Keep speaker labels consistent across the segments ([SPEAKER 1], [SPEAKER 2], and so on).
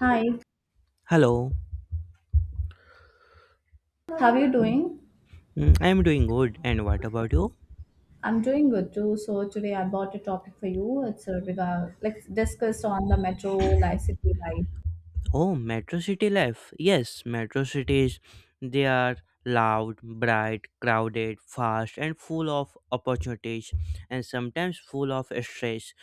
[SPEAKER 1] Hi,
[SPEAKER 2] Hello.
[SPEAKER 1] how are you doing?
[SPEAKER 2] Mm, I'm doing good. And what about you?
[SPEAKER 1] I'm doing good too. So today I bought a topic for you. It's a regard like discuss on the metro life city life.
[SPEAKER 2] Oh, Metro City life. Yes, Metro cities. They are loud, bright, crowded, fast, and full of opportunities, and sometimes full of stress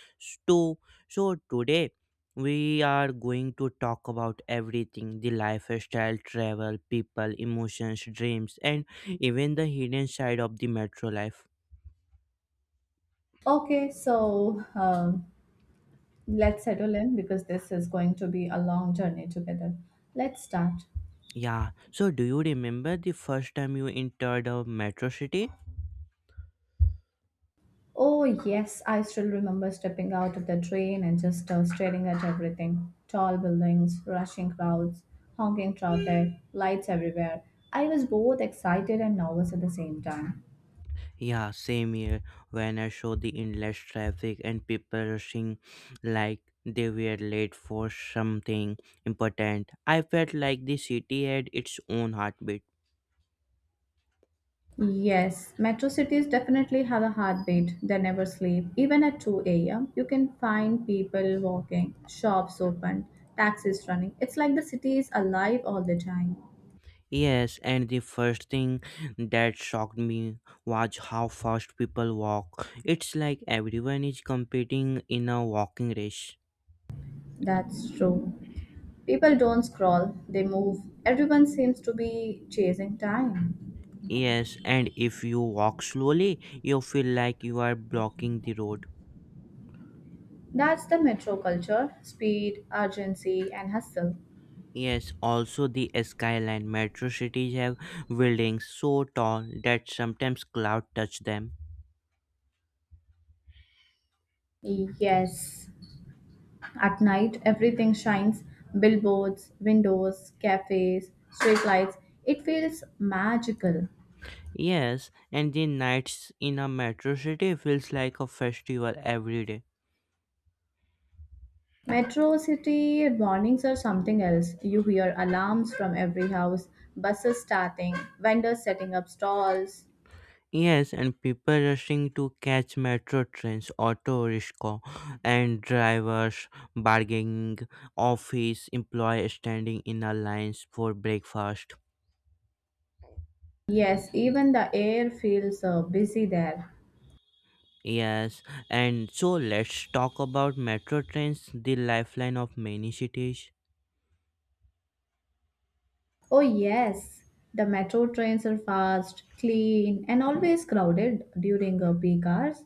[SPEAKER 2] too. So today we are going to talk about everything: the lifestyle, travel, people, emotions, dreams, and even the hidden side of the metro life.
[SPEAKER 1] Okay, so let's settle in because this is going to be a long journey together. Let's start.
[SPEAKER 2] Yeah. So, do you remember the first time you entered a metro city?
[SPEAKER 1] Oh yes, I still remember stepping out of the train and just staring at everything. Tall buildings, rushing crowds, honking traffic, lights everywhere. I was both excited and nervous at the same time.
[SPEAKER 2] Yeah, same here. When I saw the endless traffic and people rushing like they were late for something important, I felt like the city had its own heartbeat.
[SPEAKER 1] Yes, metro cities definitely have a heartbeat. They never sleep. Even at 2 a.m., you can find people walking, shops open, taxis running. It's like the city is alive all the time.
[SPEAKER 2] Yes, and the first thing that shocked me was how fast people walk. It's like everyone is competing in a walking race.
[SPEAKER 1] That's true. People don't scroll, they move. Everyone seems to be chasing time.
[SPEAKER 2] Yes, and if you walk slowly, you feel like you are blocking the road.
[SPEAKER 1] That's the metro culture speed, urgency, and hustle.
[SPEAKER 2] Yes, also the skyline metro cities have buildings so tall that sometimes cloud touch them.
[SPEAKER 1] Yes. At night, everything shines billboards, windows, cafes, streetlights. It feels magical.
[SPEAKER 2] Yes, and the nights in a metro city feels like a festival every day.
[SPEAKER 1] Metro city warnings are something else. You hear alarms from every house, buses starting, vendors setting up stalls.
[SPEAKER 2] Yes, and people rushing to catch metro trains, auto rickshaw, and drivers bargaining, office employees standing in a lines for breakfast.
[SPEAKER 1] Yes, even the air feels busy there.
[SPEAKER 2] Yes, and so let's talk about metro trains, the lifeline of many cities.
[SPEAKER 1] Oh, yes, the metro trains are fast, clean, and always crowded during peak hours.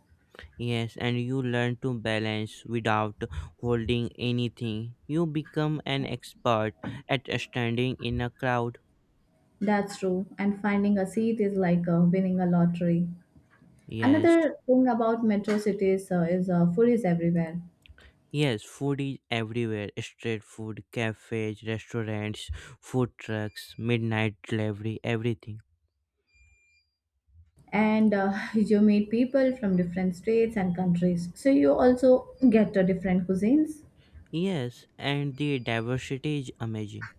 [SPEAKER 2] Yes, and you learn to balance without holding anything. You become an expert at standing in a crowd.
[SPEAKER 1] That's true, and finding a seat is like winning a lottery.
[SPEAKER 2] Yes.
[SPEAKER 1] Another thing about metro cities is food is everywhere,
[SPEAKER 2] Yes, food is everywhere. Street food, cafes, restaurants, food trucks, midnight delivery, everything.
[SPEAKER 1] and you meet people from different states and countries, so you also get different cuisines.
[SPEAKER 2] Yes, and the diversity is amazing.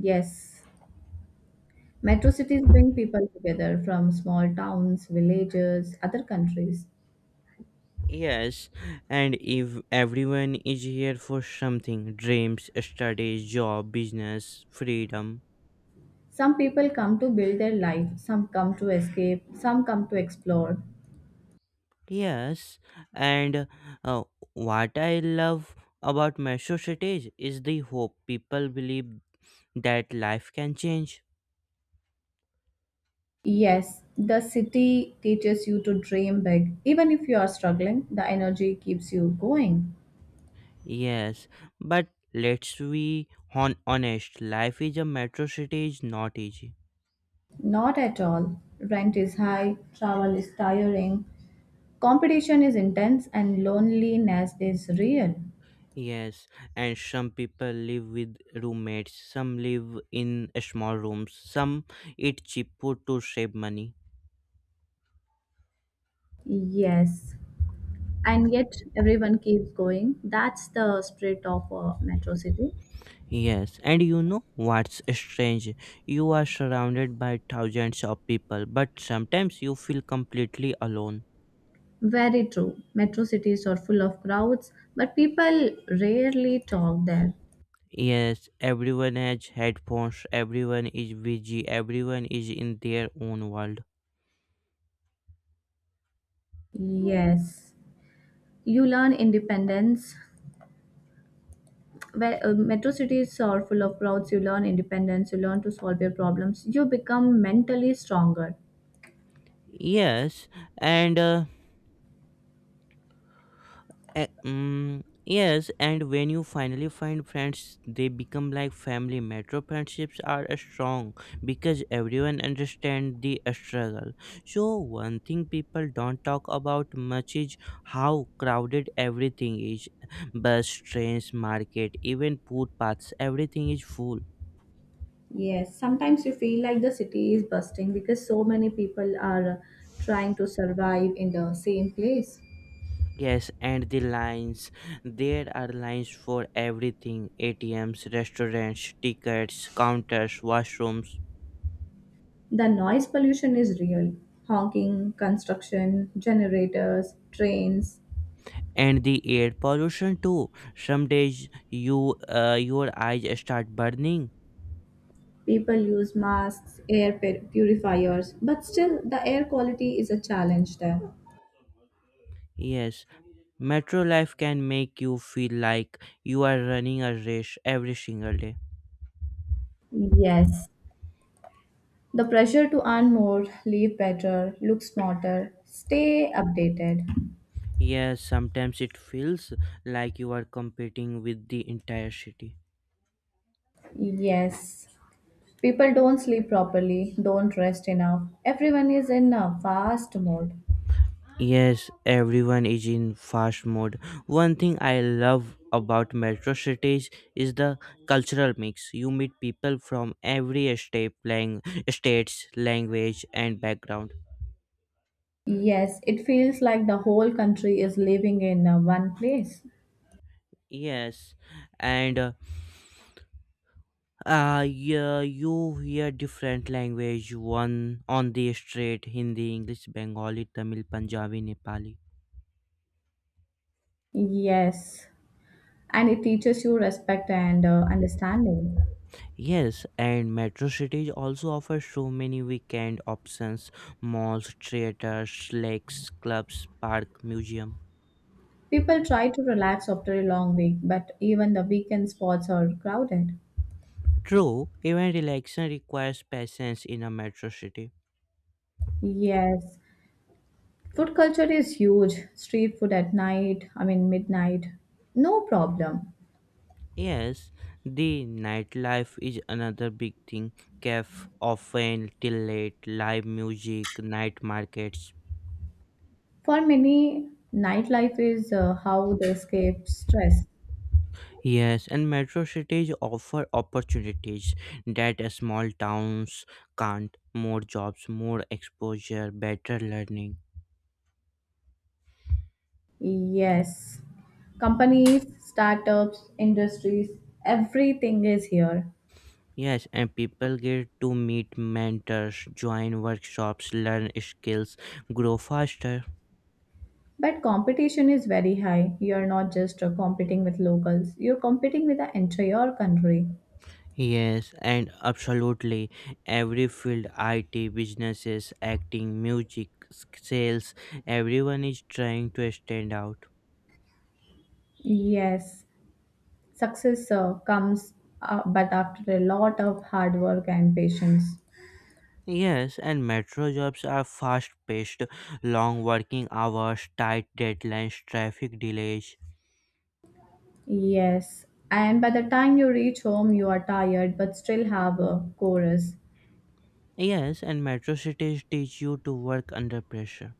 [SPEAKER 1] Yes, metro cities bring people together from small towns, villages, other countries.
[SPEAKER 2] Yes, and if everyone is here for something dreams, studies, job, business, freedom.
[SPEAKER 1] Some people come to build their life, some come to escape, some come to explore.
[SPEAKER 2] Yes, and uh, what I love about metro cities is the hope. People believe that life can change.
[SPEAKER 1] Yes, the city teaches you to dream big. Even if you are struggling, the energy keeps you going.
[SPEAKER 2] Yes, but let's be honest. Life is a metro city is not easy.
[SPEAKER 1] Not at all. Rent is high, travel is tiring, competition is intense, and loneliness is real.
[SPEAKER 2] Yes, and some people live with roommates. Some live in small rooms. Some eat cheap food to save money.
[SPEAKER 1] Yes, and yet everyone keeps going. That's the spirit of a metro city.
[SPEAKER 2] Yes, and you know what's strange? You are surrounded by thousands of people, but sometimes you feel completely alone.
[SPEAKER 1] Very true. Metro cities are full of crowds, but people rarely talk there.
[SPEAKER 2] Yes, everyone has headphones, everyone is busy, everyone is in their own world.
[SPEAKER 1] Yes, you learn independence. Where metro cities are full of crowds, you learn independence, you learn to solve your problems, you become mentally stronger.
[SPEAKER 2] Yes, and yes, and when you finally find friends, they become like family. Metro friendships are strong because everyone understands the struggle. So, one thing people don't talk about much is how crowded everything is bus, trains, market, even footpaths, everything is full.
[SPEAKER 1] Yes, sometimes you feel like the city is busting because so many people are trying to survive in the same place.
[SPEAKER 2] Yes, and the lines. There are lines for everything ATMs, restaurants, tickets, counters, washrooms.
[SPEAKER 1] The noise pollution is real. Honking, construction, generators, trains.
[SPEAKER 2] And the air pollution too. Some days your eyes start burning.
[SPEAKER 1] People use masks, purifiers, but still the air quality is a challenge there.
[SPEAKER 2] Yes, metro life can make you feel like you are running a race every single day.
[SPEAKER 1] Yes, the pressure to earn more, live better, look smarter, stay updated.
[SPEAKER 2] Yes, sometimes it feels like you are competing with the entire city.
[SPEAKER 1] Yes. People don't sleep properly, don't rest enough. Everyone is in a fast mode.
[SPEAKER 2] Yes, everyone is in fast mode. One thing I love about metro cities is the cultural mix. You meet people from every state lang states, language, and background.
[SPEAKER 1] Yes, it feels like the whole country is living in one place.
[SPEAKER 2] Yes, and yeah, you hear different language one on the street: Hindi, English, Bengali, Tamil, Punjabi, Nepali.
[SPEAKER 1] Yes, and it teaches you respect and understanding.
[SPEAKER 2] Yes, and metro cities also offer so many weekend options malls, theaters, lakes, clubs, park, museum.
[SPEAKER 1] People try to relax after a long week, but even the weekend spots are crowded.
[SPEAKER 2] True, even relaxation requires patience in a metro city.
[SPEAKER 1] Yes, food culture is huge. Street food at night, I mean midnight, no problem.
[SPEAKER 2] Yes, the nightlife is another big thing. Cafe often till late, live music, night markets.
[SPEAKER 1] For many, nightlife is how they escape stress.
[SPEAKER 2] Yes, and metro cities offer opportunities that small towns can't. More jobs, more exposure, better learning.
[SPEAKER 1] Yes. Companies, startups, industries, everything is here.
[SPEAKER 2] Yes, and people get to meet mentors, join workshops, learn skills, grow faster.
[SPEAKER 1] But competition is very high. You're not just competing with locals, you're competing with the entire country.
[SPEAKER 2] Yes, and absolutely. Every field, IT, businesses, acting, music, sales, everyone is trying to stand out.
[SPEAKER 1] Yes. Success comes but after a lot of hard work and patience.
[SPEAKER 2] Yes, and metro jobs are fast paced, long working hours, tight deadlines, traffic delays.
[SPEAKER 1] Yes. And by the time you reach home, you are tired but still have a chorus.
[SPEAKER 2] Yes, and metro cities teach you to work under pressure.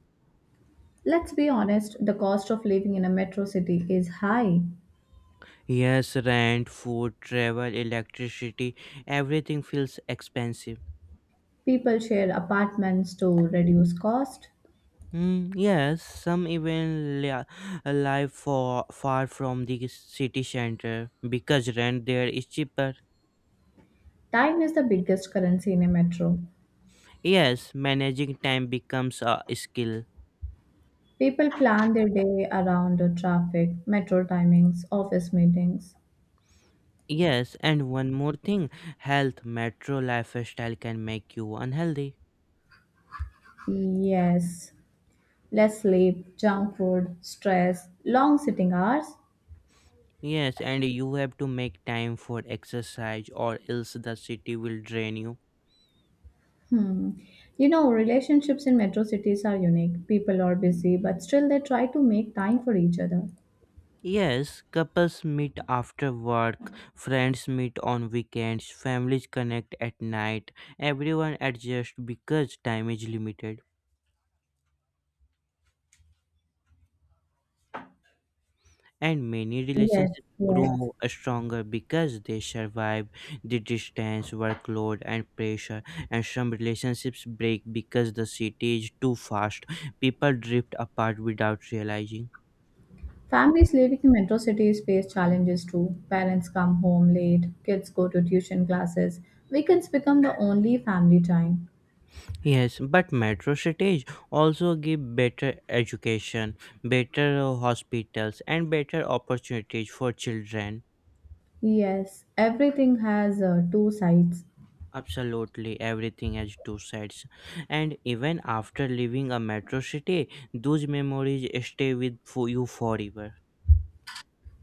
[SPEAKER 1] Let's be honest, the cost of living in a metro city is high.
[SPEAKER 2] Yes, rent, food, travel, electricity, everything feels expensive.
[SPEAKER 1] People share apartments to reduce cost.
[SPEAKER 2] Mm, yes, some even live for far from the city center because rent there is cheaper.
[SPEAKER 1] Time is the biggest currency in a metro.
[SPEAKER 2] Yes, managing time becomes a skill.
[SPEAKER 1] People plan their day around the traffic, metro timings, office meetings.
[SPEAKER 2] Yes, and one more thing, health metro lifestyle can make you unhealthy.
[SPEAKER 1] Yes, less sleep, junk food, stress, long sitting hours.
[SPEAKER 2] Yes, and you have to make time for exercise or else the city will drain you.
[SPEAKER 1] Hmm. You know, relationships in metro cities are unique. People are busy, but still they try to make time for each other.
[SPEAKER 2] Yes, couples meet after work, friends meet on weekends, families connect at night. Everyone adjusts because time is limited. And many
[SPEAKER 1] Yes,
[SPEAKER 2] relationships
[SPEAKER 1] yes.
[SPEAKER 2] grow stronger because they survive the distance, workload, and pressure. And some relationships break because the city is too fast. People drift apart without realizing.
[SPEAKER 1] Families living in metro cities face challenges too. Parents come home late, kids go to tuition classes, weekends become the only family time.
[SPEAKER 2] Yes, but metro cities also give better education, better hospitals, and better opportunities for children.
[SPEAKER 1] Yes, everything has two sides:
[SPEAKER 2] Absolutely, everything has two sides. And even after leaving a metro city, those memories stay with for you forever.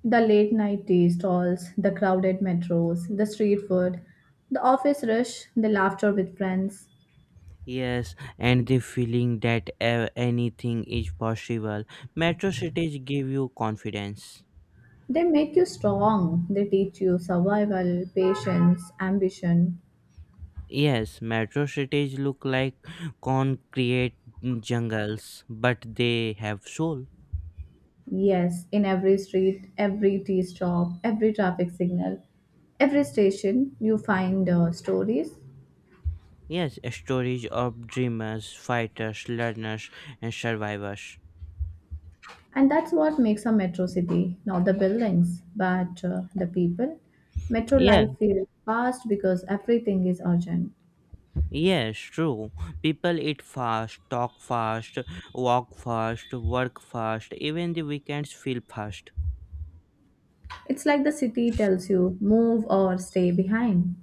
[SPEAKER 1] the late night tea stalls, the crowded metros, the street food, the office rush, the laughter with friends.
[SPEAKER 2] Yes, and the feeling that anything is possible. Metro cities give you confidence.
[SPEAKER 1] They make you strong, they teach you survival, patience, ambition.
[SPEAKER 2] Yes, metro cities look like concrete jungles, but they have soul.
[SPEAKER 1] Yes, in every street, every tea stop, every traffic signal, every station, you find stories.
[SPEAKER 2] Yes, stories of dreamers, fighters, learners, and survivors.
[SPEAKER 1] And that's what makes a metro city, not the buildings, but the people. Metro
[SPEAKER 2] Yeah,
[SPEAKER 1] life feels fast because everything is urgent.
[SPEAKER 2] yes, true. People eat fast, talk fast, walk fast, work fast, even the weekends feel fast.
[SPEAKER 1] It's like the city tells you move or stay behind.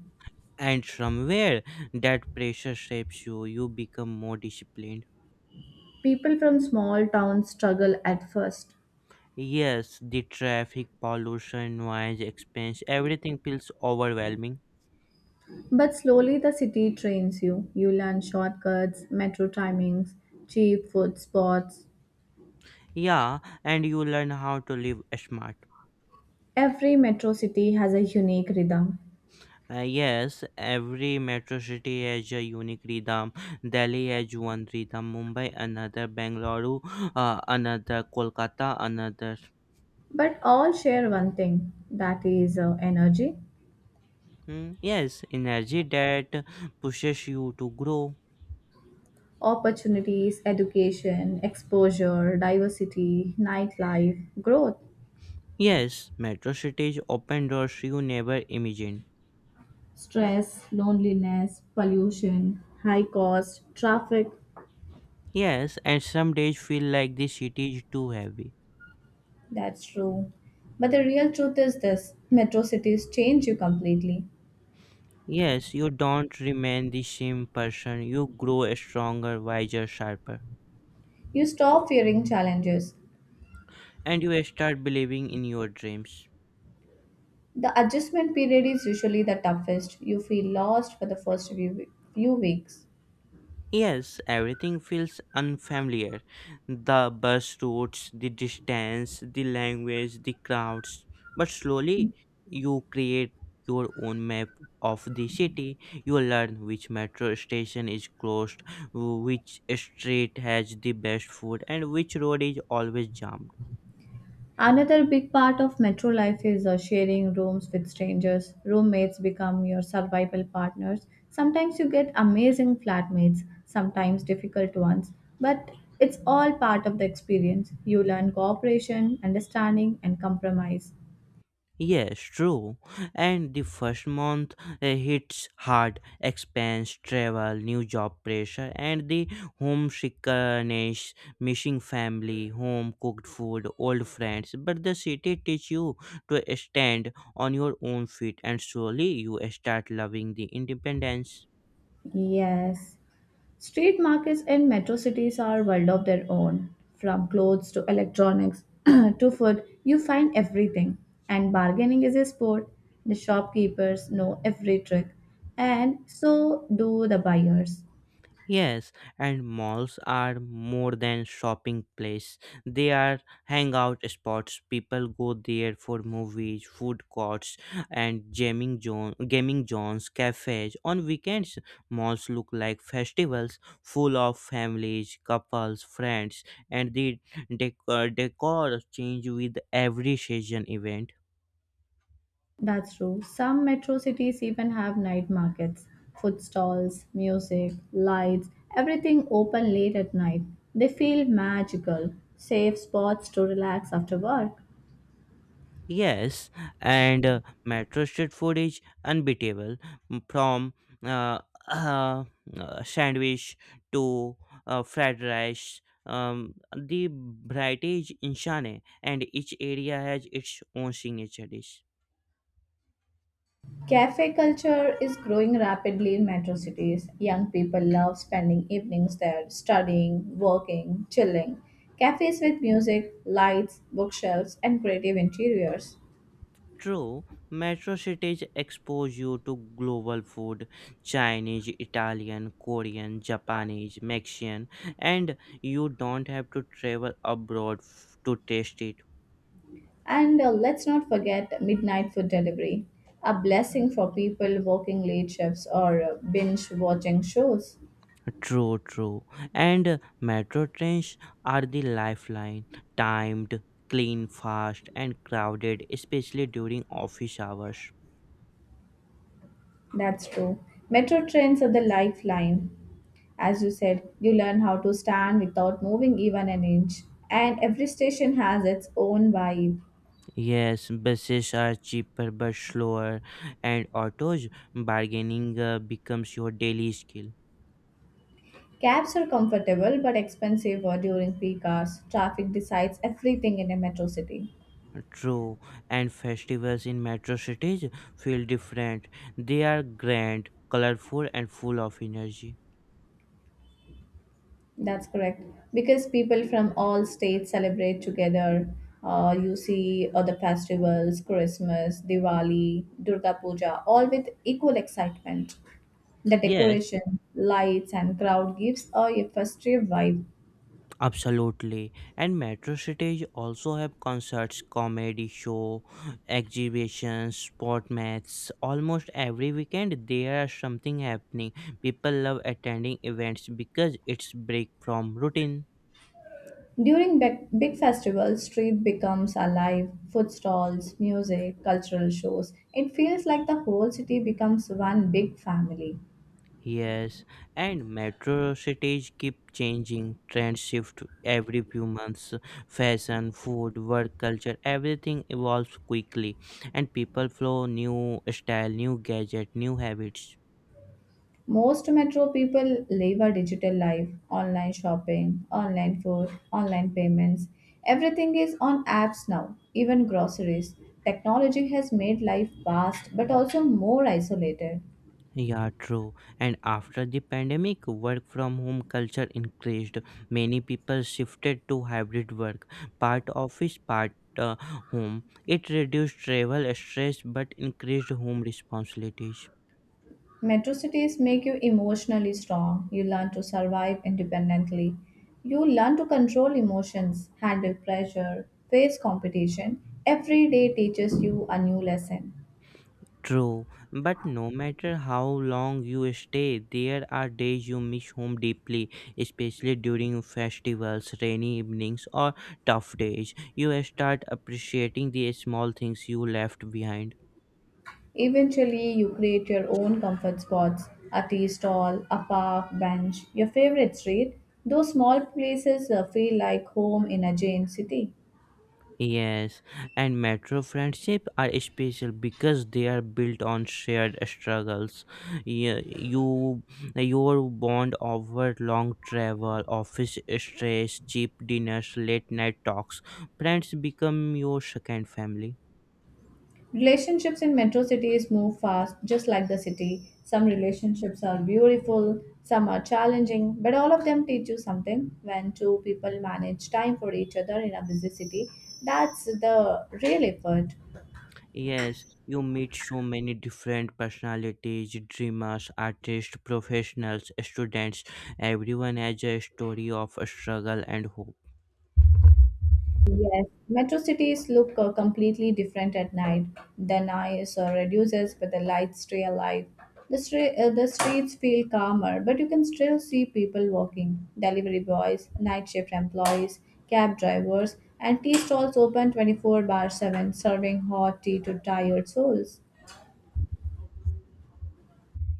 [SPEAKER 2] And somewhere that pressure shapes you, you become more disciplined.
[SPEAKER 1] People from small towns struggle at first,
[SPEAKER 2] Yes, the traffic, pollution, noise, expense, everything feels overwhelming.
[SPEAKER 1] but slowly the city trains you. You learn shortcuts, metro timings, cheap food spots.
[SPEAKER 2] Yeah, and you learn how to live smart.
[SPEAKER 1] Every metro city has a unique rhythm,
[SPEAKER 2] Yes, every metro city has a unique rhythm. Delhi has one rhythm, Mumbai another, Bengaluru another, Kolkata another.
[SPEAKER 1] but all share one thing that is energy,
[SPEAKER 2] Hmm, yes, energy that pushes you to grow.
[SPEAKER 1] opportunities, education, exposure, diversity, nightlife, growth,
[SPEAKER 2] Yes, metro cities open doors you never imagined.
[SPEAKER 1] stress, loneliness, pollution, high cost, traffic.
[SPEAKER 2] Yes, and some days feel like the city is too heavy.
[SPEAKER 1] That's true. But the real truth is this metro cities change you completely.
[SPEAKER 2] Yes, you don't remain the same person. You grow stronger, wiser, sharper,
[SPEAKER 1] You stop fearing challenges.
[SPEAKER 2] and you start believing in your dreams.
[SPEAKER 1] The adjustment period is usually the toughest. You feel lost for the first few weeks.
[SPEAKER 2] Yes, everything feels unfamiliar. The bus routes, the distance, the language, the crowds. But slowly, you create your own map of the city. You learn which metro station is closed, which street has the best food, and which road is always jammed.
[SPEAKER 1] Another big part of metro life is sharing rooms with strangers. Roommates become your survival partners. Sometimes you get amazing flatmates, sometimes difficult ones, but it's all part of the experience. You learn cooperation, understanding, and compromise.
[SPEAKER 2] Yes, true. And the first month hits hard expense, travel, new job pressure, and the homesickness, missing family, home cooked food, old friends. But the city teaches you to stand on your own feet, and slowly you start loving the independence.
[SPEAKER 1] Yes. Street markets in metro cities are world of their own. From clothes to electronics to food, you find everything. And bargaining is a sport. The shopkeepers know every trick, and so do the buyers.
[SPEAKER 2] Yes, and malls are more than shopping place. They are hangout spots. People go there for movies, food courts, and gaming zones, cafes. On weekends, malls look like festivals, full of families, couples, friends, and the decor change with every season event.
[SPEAKER 1] That's true. Some metro cities even have night markets, food stalls, music, lights, everything open late at night. They feel magical, safe spots to relax after work.
[SPEAKER 2] Yes, and metro street food is unbeatable from uh, uh, sandwich to fried rice. The variety is insane, and each area has its own signature dish.
[SPEAKER 1] Cafe culture is growing rapidly in metro cities. Young people love spending evenings there, studying, working, chilling. Cafes with music, lights, bookshelves, and creative interiors.
[SPEAKER 2] True, metro cities expose you to global food Chinese, Italian, Korean, Japanese, Mexican, and you don't have to travel abroad to taste it.
[SPEAKER 1] And let's not forget midnight food delivery, a blessing for people working late shifts or binge watching shows.
[SPEAKER 2] True, true. And metro trains are the lifeline. Timed, clean, fast, and crowded, especially during office hours.
[SPEAKER 1] That's true. Metro trains are the lifeline. As you said, you learn how to stand without moving even an inch. And every station has its own vibe.
[SPEAKER 2] Yes, buses are cheaper but slower, and autos bargaining becomes your daily skill.
[SPEAKER 1] Cabs are comfortable but expensive during peak hours. Traffic decides everything in a metro city.
[SPEAKER 2] True, and festivals in metro cities feel different. They are grand, colorful, and full of energy.
[SPEAKER 1] That's correct. Because people from all states celebrate together. You see other festivals, Christmas, Diwali, Durga Puja, all with equal excitement. The
[SPEAKER 2] Yes,
[SPEAKER 1] decoration, lights, and crowd gives a festive vibe.
[SPEAKER 2] absolutely. And metro cities also have concerts, comedy show, exhibitions, sport matches. Almost every weekend there are something happening. People love attending events because it's break from routine.
[SPEAKER 1] During big, big festivals, street becomes alive, food stalls, music, cultural shows. It feels like the whole city becomes one big family.
[SPEAKER 2] Yes, and metro cities keep changing. Trends shift every few months. Fashion, food, work culture, everything evolves quickly, and people flow new style, new gadget, new habits.
[SPEAKER 1] Most metro people live a digital life, online shopping, online food, online payments. Everything is on apps now, even groceries. Technology has made life fast but also more isolated.
[SPEAKER 2] Yeah, true. And after the pandemic, work from home culture increased. Many people shifted to hybrid work, part office, part uh, home. It reduced travel stress but increased home responsibilities.
[SPEAKER 1] Metro cities make you emotionally strong. You learn to survive independently. You learn to control emotions, handle pressure, face competition. Every day teaches you a new lesson.
[SPEAKER 2] True, but no matter how long you stay, there are days you miss home deeply, especially during festivals, rainy evenings, or tough days. You start appreciating the small things you left behind.
[SPEAKER 1] Eventually, you create your own comfort spots: a tea stall, a park bench, your favorite street. Those small places feel like home in a giant city.
[SPEAKER 2] Yes, and metro friendship are special because they are built on shared struggles. Yeah, your bond over long travel, office stress, cheap dinners, late night talks. Friends become your second family.
[SPEAKER 1] Relationships in metro cities move fast, just like the city. Some relationships are beautiful, some are challenging, but all of them teach you something. When two people manage time for each other in a busy city, that's the real effort.
[SPEAKER 2] Yes, you meet so many different personalities, dreamers, artists, professionals, students. Everyone has a story of a struggle and hope.
[SPEAKER 1] Yes, metro cities look completely different at night. The noise reduces, but the lights stay alive. The streets feel calmer, but you can still see people walking. Delivery boys, night shift employees, cab drivers, and tea stalls open 24/7, serving hot tea to tired souls.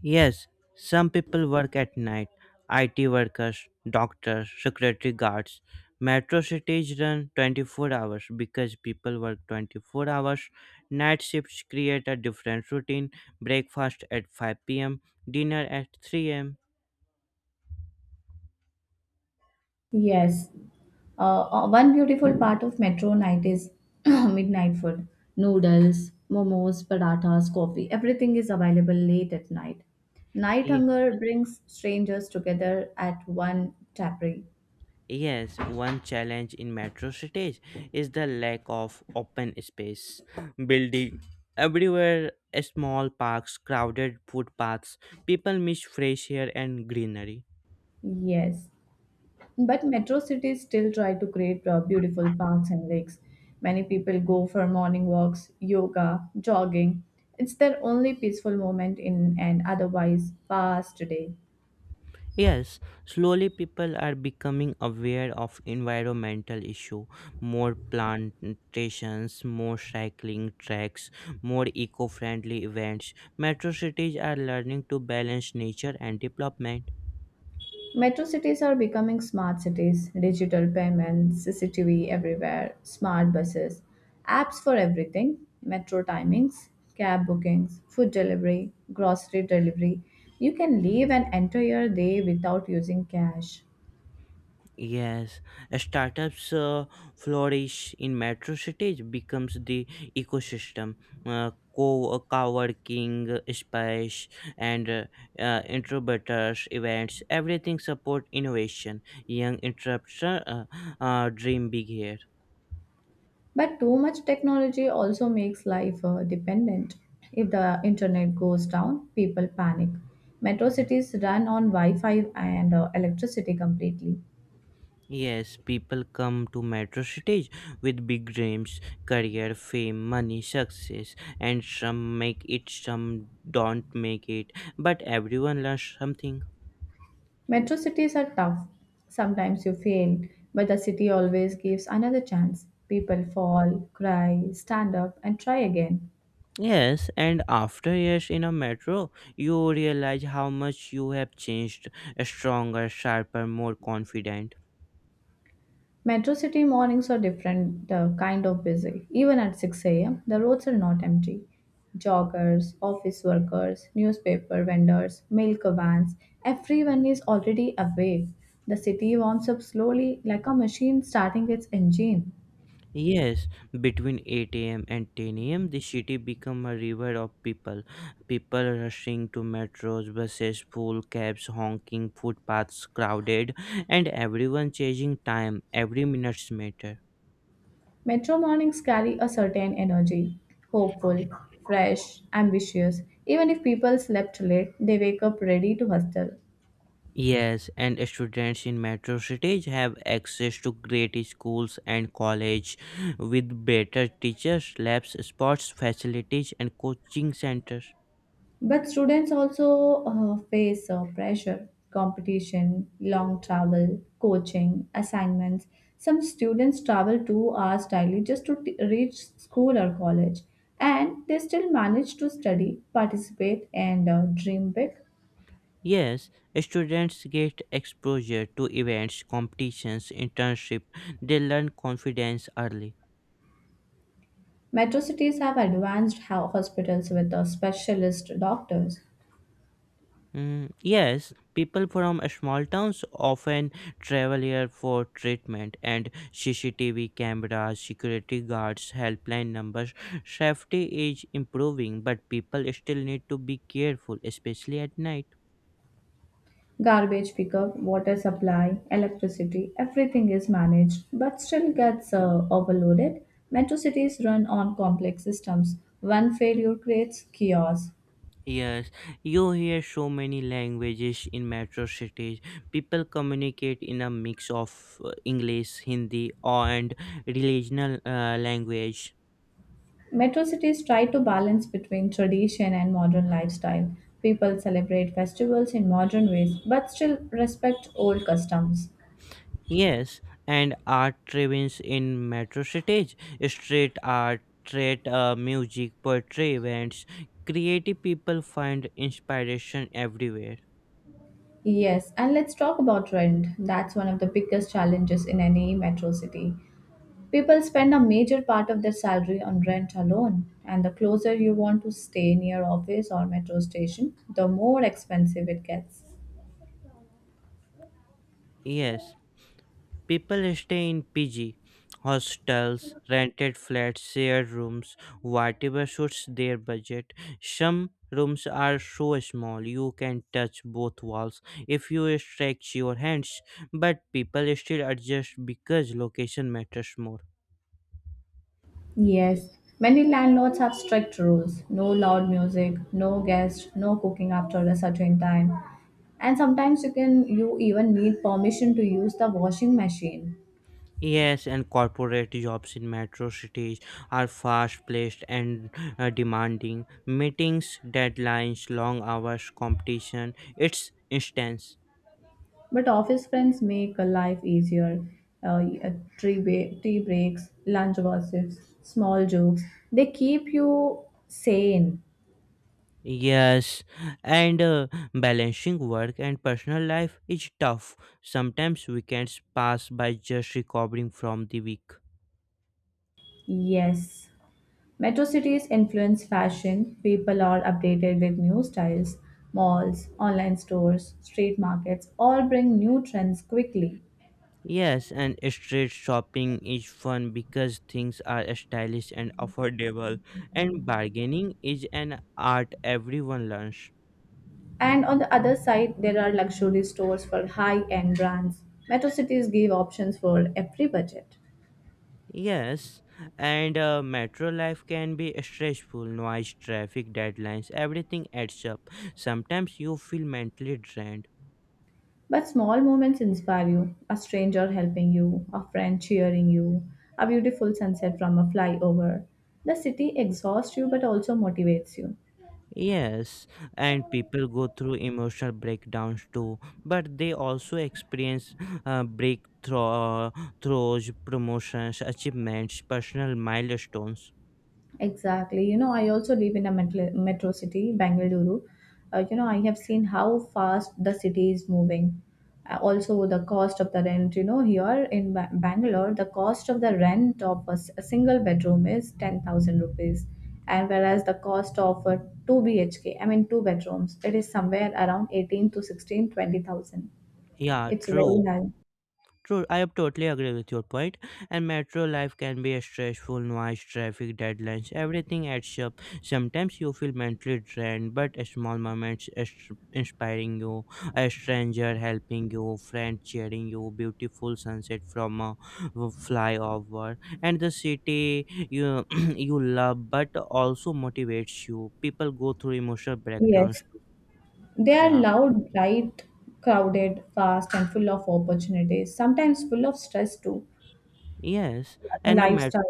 [SPEAKER 2] Yes, some people work at night. IT workers, doctors, security guards. Metro cities run 24 hours because people work 24 hours. Night shifts create a different routine. Breakfast at 5 p.m., dinner at 3 a.m.
[SPEAKER 1] Yes. One beautiful part of metro night is midnight food. Noodles, momos, parathas, coffee, everything is available late at night. Night
[SPEAKER 2] Ye-
[SPEAKER 1] hunger brings strangers together at one tapri.
[SPEAKER 2] Yes, one challenge in metro cities is the lack of open space. Building everywhere, small parks, crowded footpaths. People miss fresh air and greenery.
[SPEAKER 1] Yes. But metro cities still try to create beautiful parks and lakes. Many people go for morning walks, yoga, jogging. It's their only peaceful moment in an otherwise fast day.
[SPEAKER 2] Yes, slowly people are becoming aware of environmental issue. More plantations, more cycling tracks, more eco-friendly events. Metro cities are learning to balance nature and development.
[SPEAKER 1] Metro cities are becoming smart cities, digital payments, CCTV everywhere, smart buses, apps for everything, metro timings, cab bookings, food delivery, grocery delivery. You can live an entire day without using cash.
[SPEAKER 2] Yes, startups flourish in metro cities becomes the ecosystem. Co co-working space and incubators events everything support innovation young interruption dream big here.
[SPEAKER 1] But too much technology also makes life dependent. If the internet goes down, people panic. Metro cities run on Wi Fi and electricity completely.
[SPEAKER 2] Yes, people come to metro cities with big dreams career, fame, money, success. And some make it, some don't make it, but everyone learns something.
[SPEAKER 1] Metro cities are tough. Sometimes you fail, but the city always gives another chance. People fall, cry, stand up, and try again.
[SPEAKER 2] Yes, and after years in a metro, you realize how much you have changed stronger, sharper, more confident.
[SPEAKER 1] Metro city mornings are different, kind of busy. Even at 6 a.m., the roads are not empty. Joggers, office workers, newspaper vendors, milk vans, everyone is already awake. The city warms up slowly like a machine starting its engine.
[SPEAKER 2] Yes, between 8 a.m. and 10 a.m., the city become a river of people. People rushing to metros, buses full, cabs honking, footpaths crowded, and everyone chasing time. Every minutes matter.
[SPEAKER 1] Metro mornings carry a certain energy: hopeful, fresh, ambitious. Even if people slept late, they wake up ready to hustle.
[SPEAKER 2] Yes, and students in metro cities have access to great schools and college with better teachers, labs, sports facilities and coaching centers.
[SPEAKER 1] But students also face pressure, competition, long travel, coaching, assignments. Some students travel 2 hours daily just to reach school or college, and they still manage to study, participate, and dream big.
[SPEAKER 2] Yes, students get exposure to events, competitions, internship. They learn confidence early.
[SPEAKER 1] Metro cities have advanced hospitals with specialist doctors.
[SPEAKER 2] Mm, yes, people from small towns often travel here for treatment, and CCTV cameras, security guards, helpline numbers. Safety is improving, but people still need to be careful, especially at night.
[SPEAKER 1] Garbage pickup, water supply, electricity, everything is managed but still gets overloaded. Metro cities run on complex systems. One failure creates chaos.
[SPEAKER 2] Yes, you hear so many languages in metro cities. People communicate in a mix of English, Hindi, and regional language.
[SPEAKER 1] Metro cities try to balance between tradition and modern lifestyle. People celebrate festivals in modern ways but still respect old customs.
[SPEAKER 2] Yes, and art trends in metro cities, street art, street music, poetry events, creative people find inspiration everywhere.
[SPEAKER 1] Yes, and let's talk about rent. That's one of the biggest challenges in any metro city. People spend a major part of their salary on rent alone, and the closer you want to stay near office or metro station, the more expensive it gets.
[SPEAKER 2] Yes, people stay in PG, hostels, rented flats, shared rooms, whatever suits their budget. Some rooms are so small you can touch both walls if you stretch your hands, but people still adjust because location matters more.
[SPEAKER 1] Yes, many landlords have strict rules: no loud music, no guests, no cooking after a certain time. And sometimes you even need permission to use the washing machine.
[SPEAKER 2] Yes, and corporate jobs in metro cities are fast paced and demanding. Meetings, deadlines, long hours, competition, it's intense.
[SPEAKER 1] But office friends make a life easier. Uh, uh, tea breaks, lunch gossips, small jokes. They keep you sane.
[SPEAKER 2] Yes, and balancing work and personal life is tough. Sometimes weekends pass by just recovering from the week.
[SPEAKER 1] Yes. Metro cities influence fashion. People are updated with new styles. Malls, online stores, street markets all bring new trends quickly.
[SPEAKER 2] Yes, and street shopping is fun because things are stylish and affordable, and bargaining is an art everyone learns.
[SPEAKER 1] And on the other side, there are luxury stores for high end brands. Metro cities give options for every budget.
[SPEAKER 2] Yes, and metro life can be stressful, noise, traffic, deadlines, everything adds up. Sometimes you feel mentally drained.
[SPEAKER 1] But small moments inspire you: a stranger helping you, a friend cheering you, a beautiful sunset from a flyover. The city exhausts you but also motivates you.
[SPEAKER 2] Yes, and people go through emotional breakdowns too, but they also experience breakthroughs, promotions, achievements, personal milestones.
[SPEAKER 1] Exactly. You know, I also live in a metro city, Bangalore. I have seen how fast the city is moving. Also, the cost of the rent. Here in Bangalore, the cost of the rent of a single bedroom is ₹10,000. And whereas the cost of a 2 BHK, I mean, two bedrooms, it is somewhere around 18 to 16-20 thousand.
[SPEAKER 2] Yeah,
[SPEAKER 1] It's very
[SPEAKER 2] true.
[SPEAKER 1] high.
[SPEAKER 2] True, I totally agree with your point. And metro life can be a stressful, noise, traffic, deadlines, everything adds up. Sometimes you feel mentally drained, but a small moments inspiring you, a stranger helping you, friend cheering you, beautiful sunset from a flyover, and the city you you love, but also motivates you. People go through emotional breakdowns
[SPEAKER 1] Yes.
[SPEAKER 2] too.
[SPEAKER 1] They are
[SPEAKER 2] Yeah.
[SPEAKER 1] loud, bright, crowded, fast, and full of opportunities, sometimes full of stress too.
[SPEAKER 2] Yes,
[SPEAKER 1] The
[SPEAKER 2] and the metro.
[SPEAKER 1] lifestyle.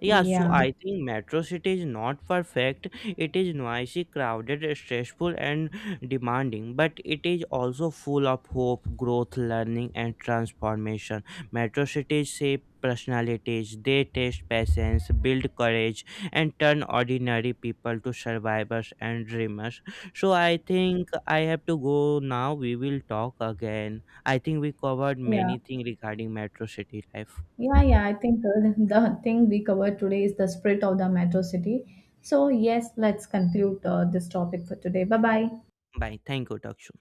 [SPEAKER 2] Yeah, so
[SPEAKER 1] Yeah,
[SPEAKER 2] I think metro city is not perfect. It is noisy, crowded, stressful, and demanding, but it is also full of hope, growth, learning, and transformation. Metro cities shape personalities, they test patience, build courage, and turn ordinary people to survivors and dreamers. So I think I have to go now. We will talk again. I think we covered
[SPEAKER 1] yeah,
[SPEAKER 2] many things regarding metro city life.
[SPEAKER 1] yeah, yeah. I think the thing we covered today is the spirit of the metro city. So, yes, let's conclude this topic for today. Bye bye.
[SPEAKER 2] Bye. Thank you, Dakshu.